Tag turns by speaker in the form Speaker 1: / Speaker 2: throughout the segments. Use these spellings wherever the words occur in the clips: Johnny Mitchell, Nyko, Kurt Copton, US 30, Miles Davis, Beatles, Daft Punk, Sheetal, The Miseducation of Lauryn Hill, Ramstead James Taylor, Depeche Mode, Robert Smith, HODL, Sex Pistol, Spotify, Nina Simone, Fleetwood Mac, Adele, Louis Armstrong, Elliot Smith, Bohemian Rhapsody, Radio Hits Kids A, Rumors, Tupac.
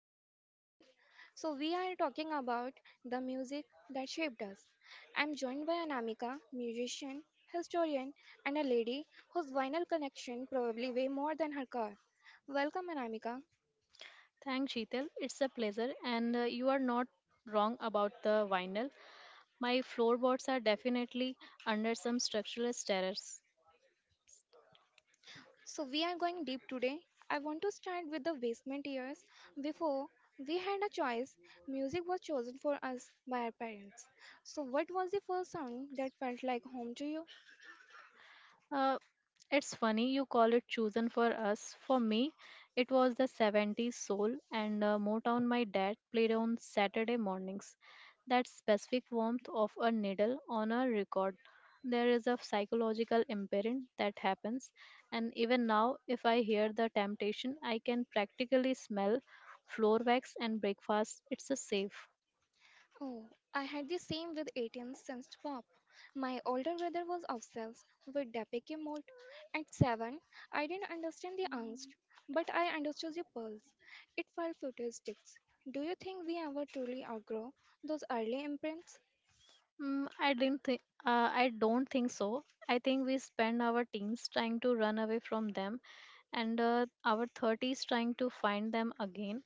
Speaker 1: a special one. So, we are talking about the music that shaped us. I'm joined by Anamika, musician, historian, and a lady whose vinyl connection probably way more than her car. Welcome, Anamika.
Speaker 2: Thanks, Sheetal. It's a pleasure, and you are not wrong about the vinyl. My floorboards are definitely under some structural terrors.
Speaker 1: So, we are going deep today. I want to start with the basement years. Before we had a choice, music was chosen for us by our parents. So, what was the first sound that felt like home to you?
Speaker 2: Uh, it's funny you call it chosen for us. For me, it was the 70s soul and Motown my dad played on Saturday mornings. That specific warmth of a needle on a record. There is a psychological imprint that happens, and even now, if I hear the temptation, I can practically smell floor wax and breakfast. It's a safe.
Speaker 1: Oh, I had the same with 18 cents pop. My older brother was obsessed with Depeche Mode. At 7, I didn't understand the angst, but I understood the pulse. It felt futuristic. Do you think we ever truly outgrow those early imprints?
Speaker 2: Mm, I didn't think. I don't think so. I think we spend our teens trying to run away from them, and our thirties trying to find them again.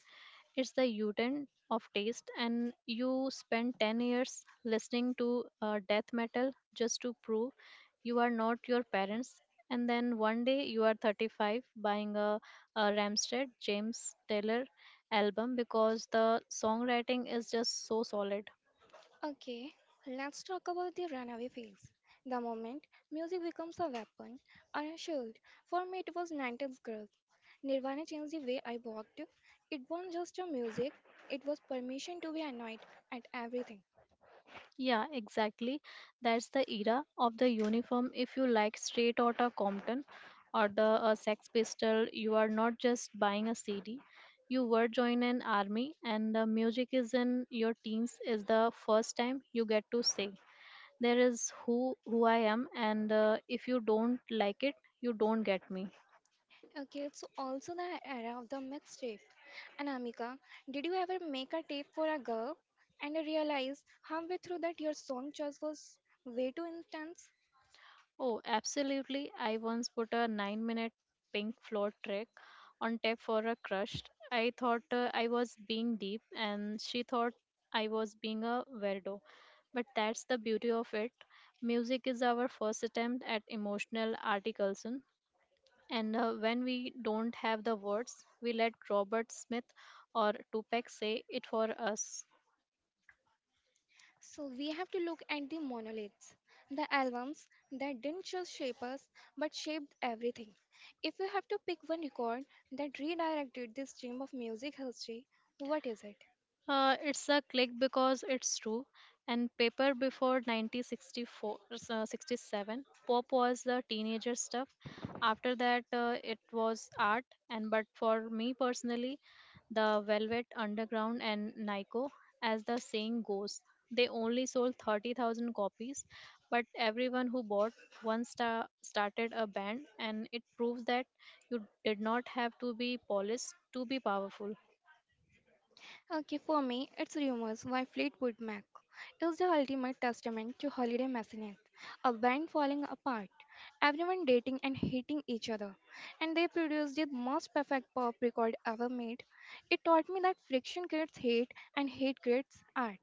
Speaker 2: It's the U-turn of taste, and you spend 10 years listening to death metal just to prove you are not your parents, and then one day you are 35 buying a Ramstead James Taylor album because the songwriting is just so solid.
Speaker 1: Okay, let's talk about the runaway phase. The moment music becomes a weapon or a shield. For me, it was 90s growth. Nirvana changed the way I walked. It wasn't just a music, it was permission to be annoyed at everything.
Speaker 2: Yeah, exactly. That's the era of the uniform. If you like Straight Outta Compton or the Sex Pistol, you are not just buying a CD. You were joining an army, and the music is in your teens is the first time you get to say there is who I am, and if you don't like it, you don't get me.
Speaker 1: Okay, it's also the era of the mixtape. Anamika, did you ever make a tape for a girl and realize halfway through that your song choice was way too intense?
Speaker 2: Oh, absolutely. I once put a 9-minute minute pink floor trick on tape for a crush. I thought I was being deep, and she thought I was being a weirdo. But that's the beauty of it. Music is our first attempt at emotional articulation. And when we don't have the words, we let Robert Smith or Tupac say it for us.
Speaker 1: So we have to look at the monoliths, the albums that didn't just shape us but shaped everything. If you have to pick one record that redirected the stream of music history, what is it?
Speaker 2: It's a click because it's true. And paper before 1964, 67, pop was the teenager stuff. After that, it was art. And but for me personally, the Velvet Underground and Nyko, as the saying goes, they only sold 30,000 copies. But everyone who bought one star started a band, and it proves that you did not have to be polished to be powerful.
Speaker 1: Okay, for me, it's Rumors by Fleetwood Mac. It's the ultimate testament to holiday messiness, a band falling apart, everyone dating and hating each other, and they produced the most perfect pop record ever made. It taught me that friction creates hate and hate creates art.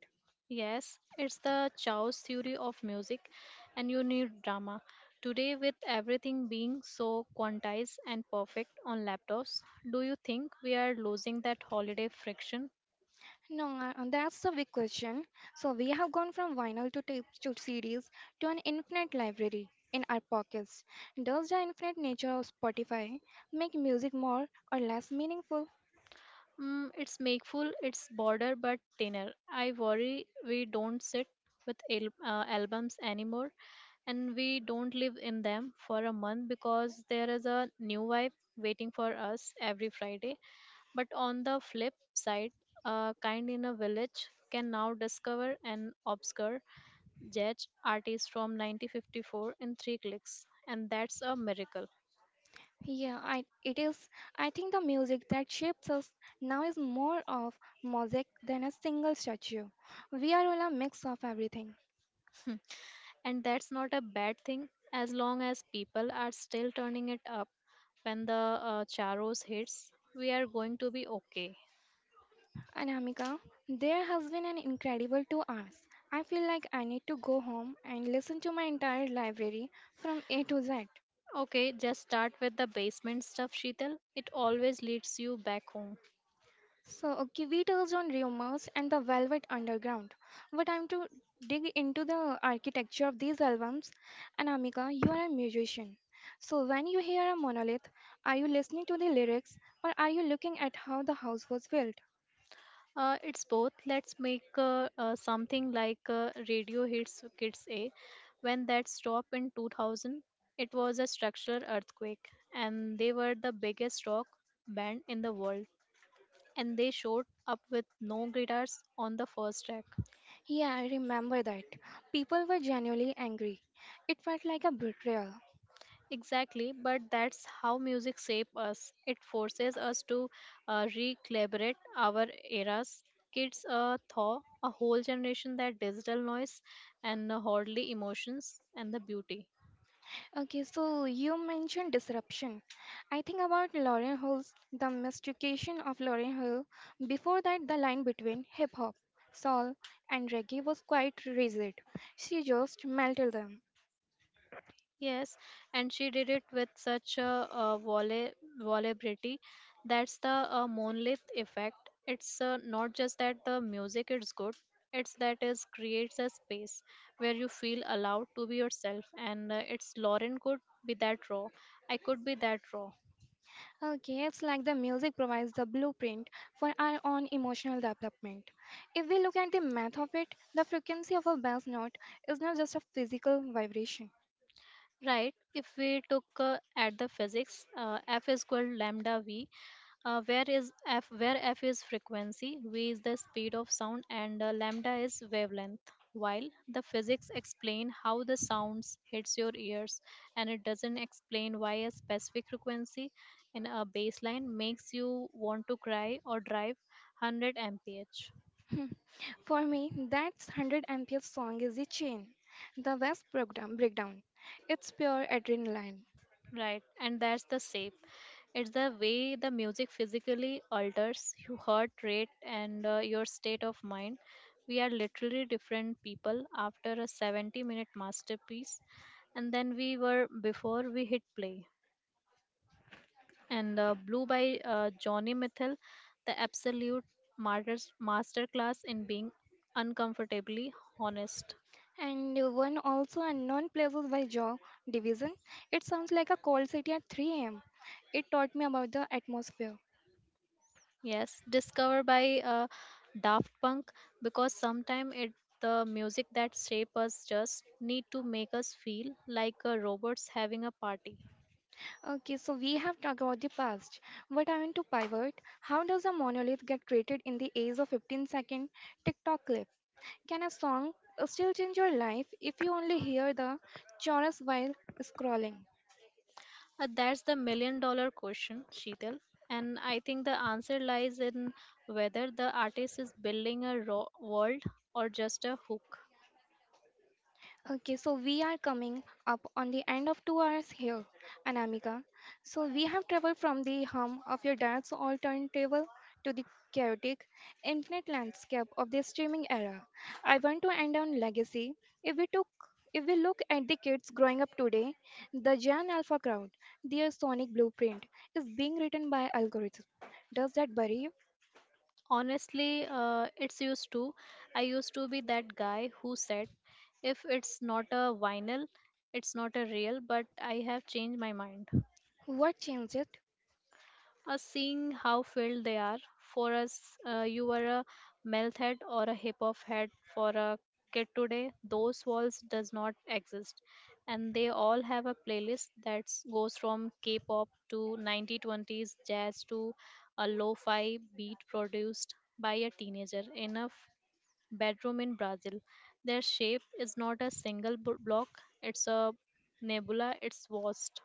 Speaker 2: Yes, it's the Chao's theory of music, and you need drama. Today, with everything being so quantized and perfect on laptops, do you think we are losing that holiday friction?
Speaker 1: No, that's the big question. So we have gone from vinyl to tapes to CDs to an infinite library in our pockets. Does the infinite nature of Spotify make music more or less meaningful?
Speaker 2: It's makeful, it's border but thinner. I worry we don't sit with albums anymore and we don't live in them for a month because there is a new vibe waiting for us every Friday. But on the flip side, a kind in a village can now discover an obscure jazz artist from 1954 in three clicks, and that's a miracle.
Speaker 1: Yeah, it is. I think the music that shapes us now is more of mosaic than a single statue. We are all a mix of everything.
Speaker 2: And that's not a bad thing as long as people are still turning it up when the Charos hits. We are going to be okay.
Speaker 1: Anamika, there has been an incredible 2 hours. I feel like I need to go home and listen to my entire library from A to Z.
Speaker 2: Okay, just start with the basement stuff, Sheetal. It always leads you back home.
Speaker 1: So, okay, we touched on rumors and the Velvet Underground, but I'm to dig into the architecture of these albums. Anamika, you are a musician. So, when you hear a monolith, are you listening to the lyrics or are you looking at how the house was built?
Speaker 2: It's both. Let's make something like Radio Hits Kids A. When that stopped in 2000, it was a structural earthquake, and they were the biggest rock band in the world. And they showed up with no guitars on the first track.
Speaker 1: Yeah, I remember that. People were genuinely angry. It felt like a betrayal.
Speaker 2: Exactly, but that's how music shapes us. It forces us to recalibrate our eras. Kids thaw a whole generation that digital noise and hardly emotions and the beauty.
Speaker 1: Okay, so you mentioned disruption. I think about Lauren Hill's The Mystification of Lauren Hill. Before that, the line between hip hop, soul, and reggae was quite rigid. She just melted them.
Speaker 2: Yes, and she did it with such a, volubility. That's the Monolith effect. It's not just that the music is good; it's that it creates a space where you feel allowed to be yourself. And it's Lauren could be that raw. I could be that raw.
Speaker 1: Okay, it's like the music provides the blueprint for our own emotional development. If we look at the math of it, the frequency of a bass note is not just a physical vibration.
Speaker 2: Right. If we took at the physics, f is equal lambda v, where is f? Where f is frequency, v is the speed of sound, and lambda is wavelength. While the physics explain how the sounds hits your ears, and it doesn't explain why a specific frequency in a baseline makes you want to cry or drive 100 mph.
Speaker 1: For me, that 100 MPL song is the chain, the best breakdown. It's pure adrenaline.
Speaker 2: Right, and that's the shape. It's the way the music physically alters your heart rate and your state of mind. We are literally different people after a 70-minute minute masterpiece, and then we were before we hit play. And Blue by Johnny Mitchell, the absolute masterclass in being uncomfortably honest.
Speaker 1: And one also unknown places by Jaw Division. It sounds like a cold city at 3 am. It taught me about the atmosphere.
Speaker 2: Yes, discovered by Daft Punk because sometimes it the music that shape us just need to make us feel like a robots having a party.
Speaker 1: Okay, so we have talked about the past, but I want to pivot. How does a monolith get created in the age of 15-second TikTok clip? Can a song still change your life if you only hear the chorus while scrolling?
Speaker 2: That's the million-dollar question, Sheetal. And I think the answer lies in whether the artist is building a raw world or just a hook.
Speaker 1: Okay, so we are coming up on the end of 2 hours here, Anamika. So we have traveled from the hum of your dad's all turntable to the chaotic, infinite landscape of the streaming era. I want to end on legacy. If we took if we look at the kids growing up today, the Gen Alpha crowd, their sonic blueprint is being written by algorithms. Does that worry you?
Speaker 2: Honestly, it's used to. I used to be that guy who said, if it's not a vinyl, it's not a real, but I have changed my mind.
Speaker 1: What changes?
Speaker 2: Seeing how filled they are. For us, you were a meth head or a hip hop head. For a kid today, those walls does not exist, and they all have a playlist that goes from K-pop to 1920s jazz to a lo-fi beat produced by a teenager in a bedroom in Brazil. Their shape is not a single block; it's a nebula. It's vast.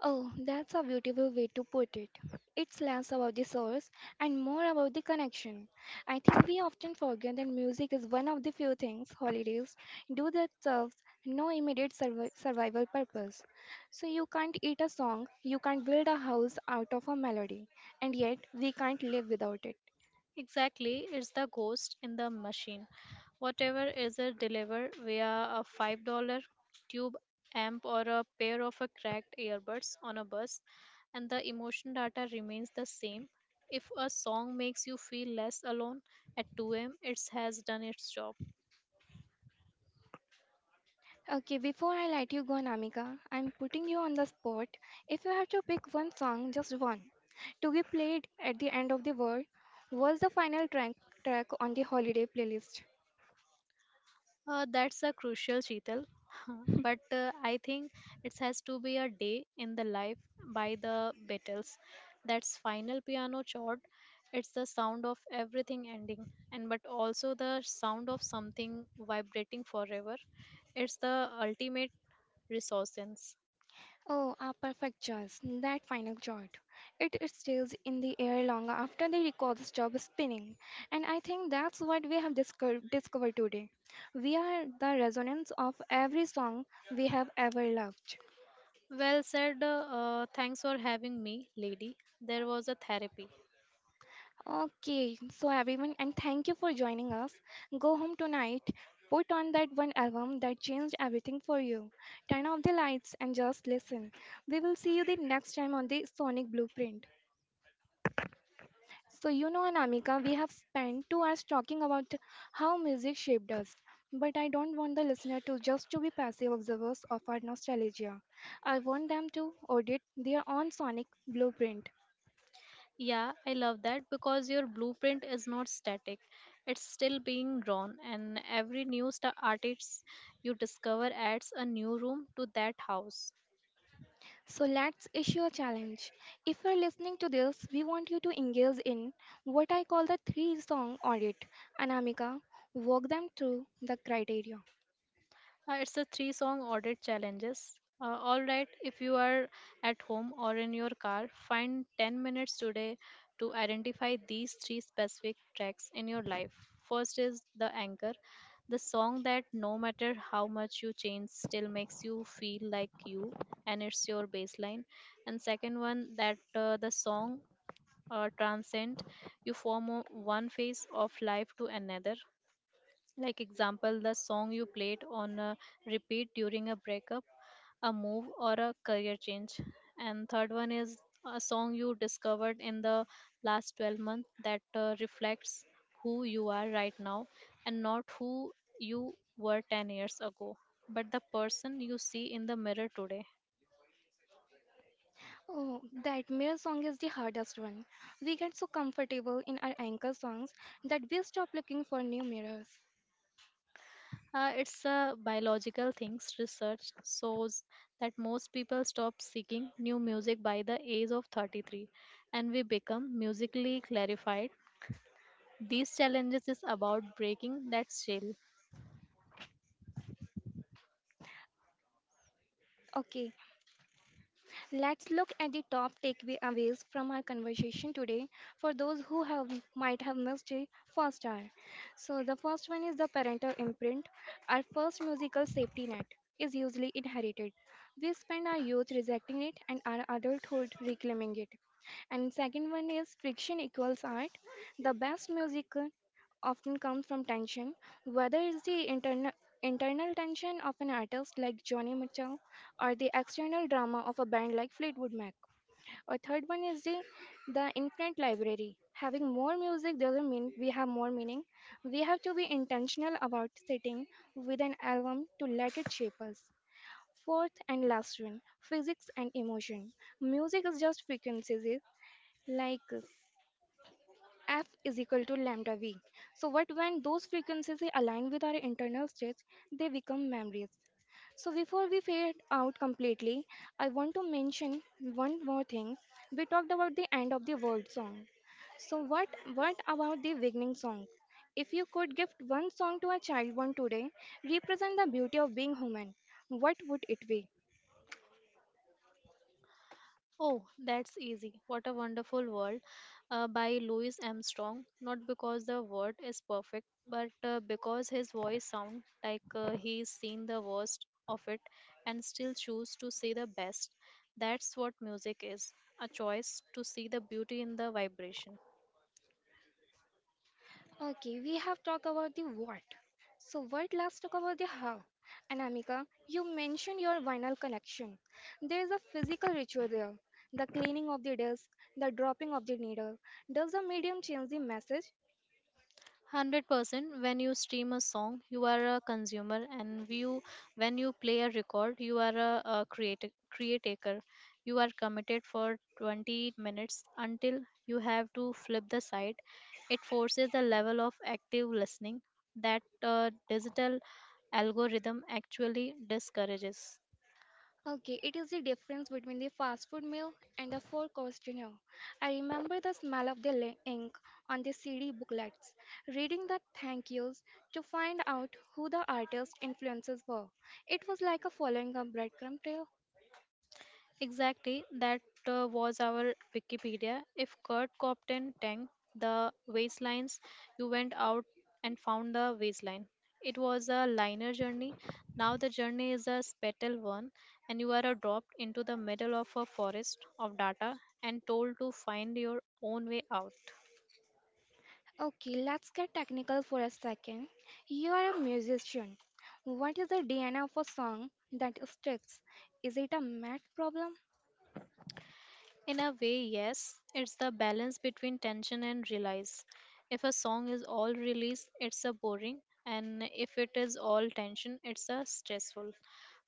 Speaker 1: Oh, that's a beautiful way to put it. It's less about the source and more about the connection. I think we often forget that music is one of the few things holidays do that serves no immediate survival purpose. So you can't eat a song, you can't build a house out of a melody, and yet we can't live without it.
Speaker 2: Exactly, it's the ghost in the machine. Whatever is it delivered via a $5 tube amp or a pair of a cracked earbuds on a bus, and the emotion data remains the same. If a song makes you feel less alone at 2 a.m., it has done its job.
Speaker 1: Okay, before I let you go, Namika, I'm putting you on the spot. If you have to pick one song, just one, to be played at the end of the world, what's the final track on the holiday playlist?
Speaker 2: That's a crucial, Sheetal. But I think it has to be a day in the life by the Beatles. That's final piano chord. It's the sound of everything ending, and but also the sound of something vibrating forever. It's the ultimate resources.
Speaker 1: Oh, a perfect choice. That final chord. It stays in the air long after the records stop spinning. And I think that's what we have discovered today. We are the resonance of every song we have ever loved.
Speaker 2: Well said. Thanks for having me, lady. There was a therapy.
Speaker 1: Okay, so everyone, and thank you for joining us. Go home tonight, put on that one album that changed everything for you, turn off the lights, and just listen. We will see you the next time on the Sonic Blueprint. So, you know, Anamika, we have spent 2 hours talking about how music shaped us, but I don't want the listener to just to be passive observers of our nostalgia. I want them to audit their own sonic blueprint.
Speaker 2: Yeah, I love that because your blueprint is not static. It's still being drawn, and every new star artist you discover adds a new room to that house.
Speaker 1: So let's issue a challenge. If you're listening to this, we want you to engage in what I call the three song audit. Anamika, walk them through the criteria.
Speaker 2: It's a three song audit challenges. All right, if you are at home or in your car, find 10 minutes today to identify these three specific tracks in your life. First is The Anchor, the song that no matter how much you change, still makes you feel like you and it's your baseline. And second one, that the song transcend you from one phase of life to another, like example the song you played on a repeat during a breakup, a move, or a career change. And third one is a song you discovered in the last 12 months that reflects who you are right now, and not who you were 10 years ago, but the person you see in the mirror today.
Speaker 1: Oh, that mirror song is the hardest one. We get so comfortable in our anchor songs that we stop looking for new mirrors.
Speaker 2: It's a biological things. Research shows that most people stop seeking new music by the age of 33 and we become musically clarified. These challenges is about breaking that shell.
Speaker 1: Okay, let's look at the top takeaways from our conversation today for those who have might have missed the first hour. So the first one is the parental imprint. Our first musical safety net is usually inherited. We spend our youth rejecting it and our adulthood reclaiming it. And second one is friction equals art. The best music often comes from tension, whether it's the internal tension of an artist like Johnny Mitchell or the external drama of a band like Fleetwood Mac. A third one is the infinite library. Having more music doesn't mean we have more meaning. We have to be intentional about sitting with an album to let it shape us. Fourth and last one, physics and emotion. Music is just frequencies, eh? Like f is equal to lambda v. So what, when those frequencies align with our internal states, they become memories. So before we fade out completely, I want to mention one more thing. We talked about the end of the world song. So what about the beginning song? If you could gift one song to a child born today, represent the beauty of being human, what would it be?
Speaker 2: Oh, that's easy. What a Wonderful World by Louis Armstrong. Not because the word is perfect, but because his voice sounds like he's seen the worst of it and still choose to see the best. That's what music is, a choice to see the beauty in the vibration.
Speaker 1: Okay, we have talked about the what. So what, let's talk about the how. And Amika, you mentioned your vinyl connection. There is a physical ritual there. The cleaning of the disc, the dropping of the needle. Does the medium change the message?
Speaker 2: 100% when you stream a song you are a consumer and you, when you play a record you are a creator caretaker, you are committed for 20 minutes until you have to flip the site. It forces a level of active listening that digital algorithm actually discourages.
Speaker 1: Okay, it is the difference between the fast food meal and the four course dinner. I remember the smell of the ink on the CD booklets, reading the thank yous to find out who the artist influences were. It was like a following a breadcrumb trail.
Speaker 2: Exactly, that was our Wikipedia. If Kurt Copton tanked the waistlines, you went out and found the waistline. It was a liner journey. Now the journey is a spatial one, and you are dropped into the middle of a forest of data and told to find your own way out.
Speaker 1: Okay, let's get technical for a second. You are a musician. What is the DNA of a song that sticks? Is it a math problem?
Speaker 2: In a way, yes, it's the balance between tension and release. If a song is all release, it's a boring, and if it is all tension, it's a stressful.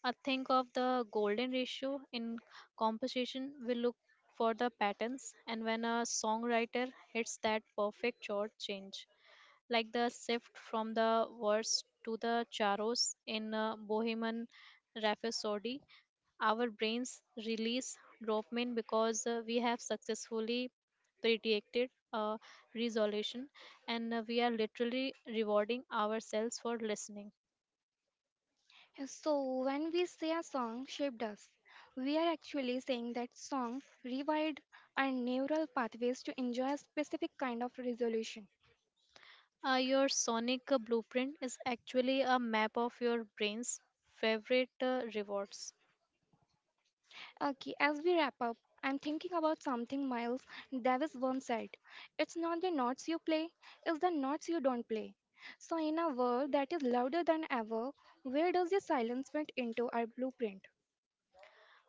Speaker 2: I think of the golden ratio in composition, we look for the patterns, and when a songwriter hits that perfect chord change, like the shift from the verse to the charos in Bohemian Rhapsody. Our brains release dopamine because we have successfully predicted a resolution and we are literally rewarding ourselves for listening.
Speaker 1: So, when we say a song shaped us, we are actually saying that song rewired our neural pathways to enjoy a specific kind of resolution.
Speaker 2: Your sonic blueprint is actually a map of your brain's favorite rewards.
Speaker 1: Okay, as we wrap up, I'm thinking about something Miles Davis once said. It's not the notes you play, it's the notes you don't play. So, in a world that is louder than ever, where does the silence fit into our blueprint?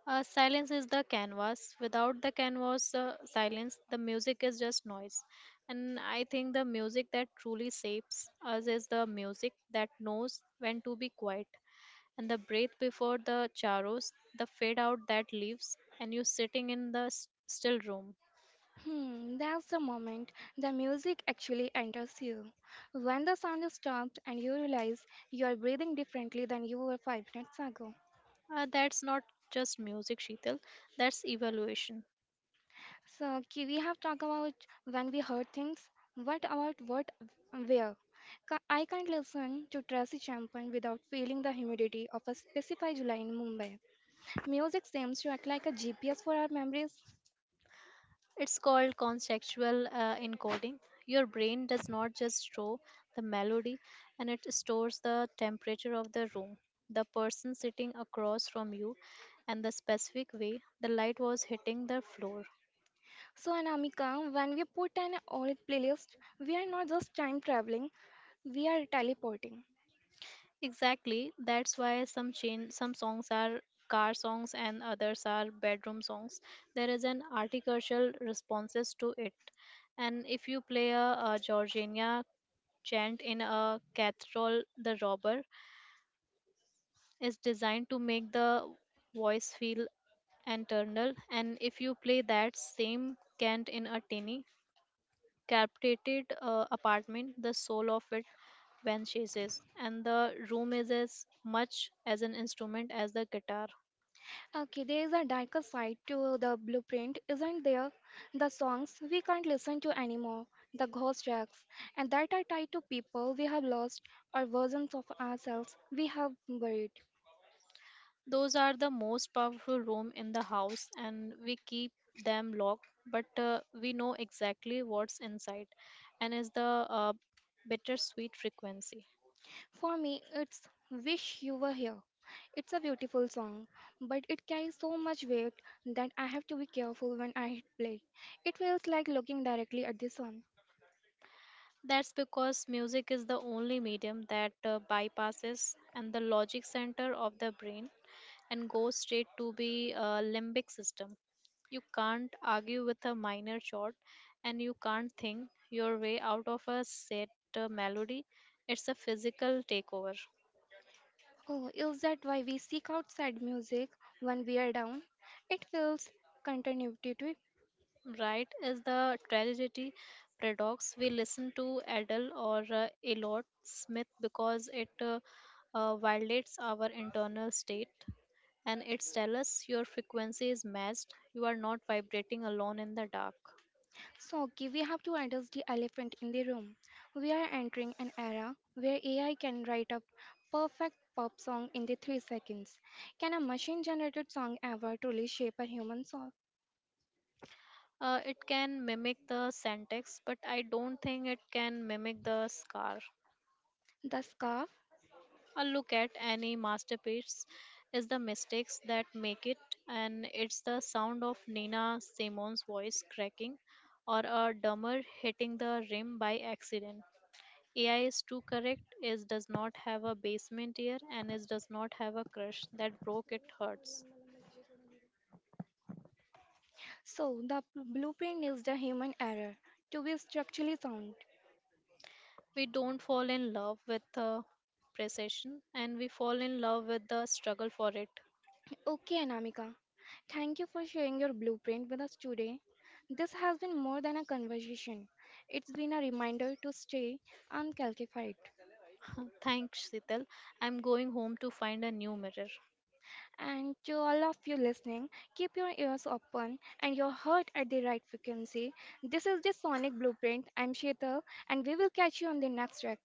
Speaker 2: Silence is the canvas. Without the canvas, silence, the music is just noise. And I think the music that truly shapes us is the music that knows when to be quiet. And the breath before the charos, the fade out that leaves, and you sitting in the still room.
Speaker 1: Hmm, that's the moment the music actually enters you. When the sound stops and you realize you are breathing differently than you were 5 minutes ago.
Speaker 2: That's not just music, Sheetal, that's evaluation.
Speaker 1: So, Ki, we have talked about when we heard things. What about what, where? I can't listen to Tracy Champion without feeling the humidity of a specified July in Mumbai. Music seems to act like a GPS for our memories.
Speaker 2: It's called contextual encoding. Your brain does not just store the melody, and it stores the temperature of the room, the person sitting across from you, and the specific way the light was hitting the floor.
Speaker 1: So, Anamika, when we put an old playlist, we are not just time traveling, we are teleporting.
Speaker 2: Exactly, that's why some songs are car songs and others are bedroom songs. There is an artificial responses to it. And if you play a Georgina chant in a cathedral, the robber is designed to make the voice feel internal, and if you play that same chant in a tiny carpeted apartment, the soul of it vanishes, and the room is as much as an instrument as the guitar.
Speaker 1: Okay, there is a darker side to the blueprint, isn't there? The songs we can't listen to anymore, the ghost tracks, and that are tied to people we have lost or versions of ourselves we have buried.
Speaker 2: Those are the most powerful room in the house and we keep them locked, but we know exactly what's inside, and is the uh, bittersweet frequency.
Speaker 1: For me, it's Wish You Were Here. It's a beautiful song, but it carries so much weight that I have to be careful when I hit play. It feels like looking directly at the sun.
Speaker 2: That's because music is the only medium that bypasses and the logic center of the brain and goes straight to the limbic system. You can't argue with a minor chord and you can't think your way out of a set melody. It's a physical takeover.
Speaker 1: Oh, is that why we seek out sad music when we are down? It feels continuity.
Speaker 2: Right is the tragedy paradox. We listen to Adele or Elliot Smith because it violates our internal state and it's tell us your frequency is matched. You are not vibrating alone in the dark.
Speaker 1: So, okay, we have to address the elephant in the room. We are entering an era where AI can write a perfect pop song in the 3 seconds. Can a machine generated song ever truly shape a human soul?
Speaker 2: It can mimic the syntax, but I don't think it can mimic the scar.
Speaker 1: The scarf?
Speaker 2: A look at any masterpiece is the mistakes that make it, and it's the sound of Nina Simone's voice cracking or a drummer hitting the rim by accident. AI is too correct, it does not have a basement ear, and it does not have a crush that broke it hurts.
Speaker 1: So, the blueprint is the human error to be structurally sound.
Speaker 2: We don't fall in love with the precession, and we fall in love with the struggle for it.
Speaker 1: Okay, Anamika, thank you for sharing your blueprint with us today. This has been more than a conversation, it's been a reminder to stay uncalcified.
Speaker 2: Thanks, Sital. I'm going home to find a new mirror.
Speaker 1: And to all of you listening, keep your ears open and your heart at the right frequency. This is the Sonic Blueprint. I'm Sheetal, and we will catch you on the next track.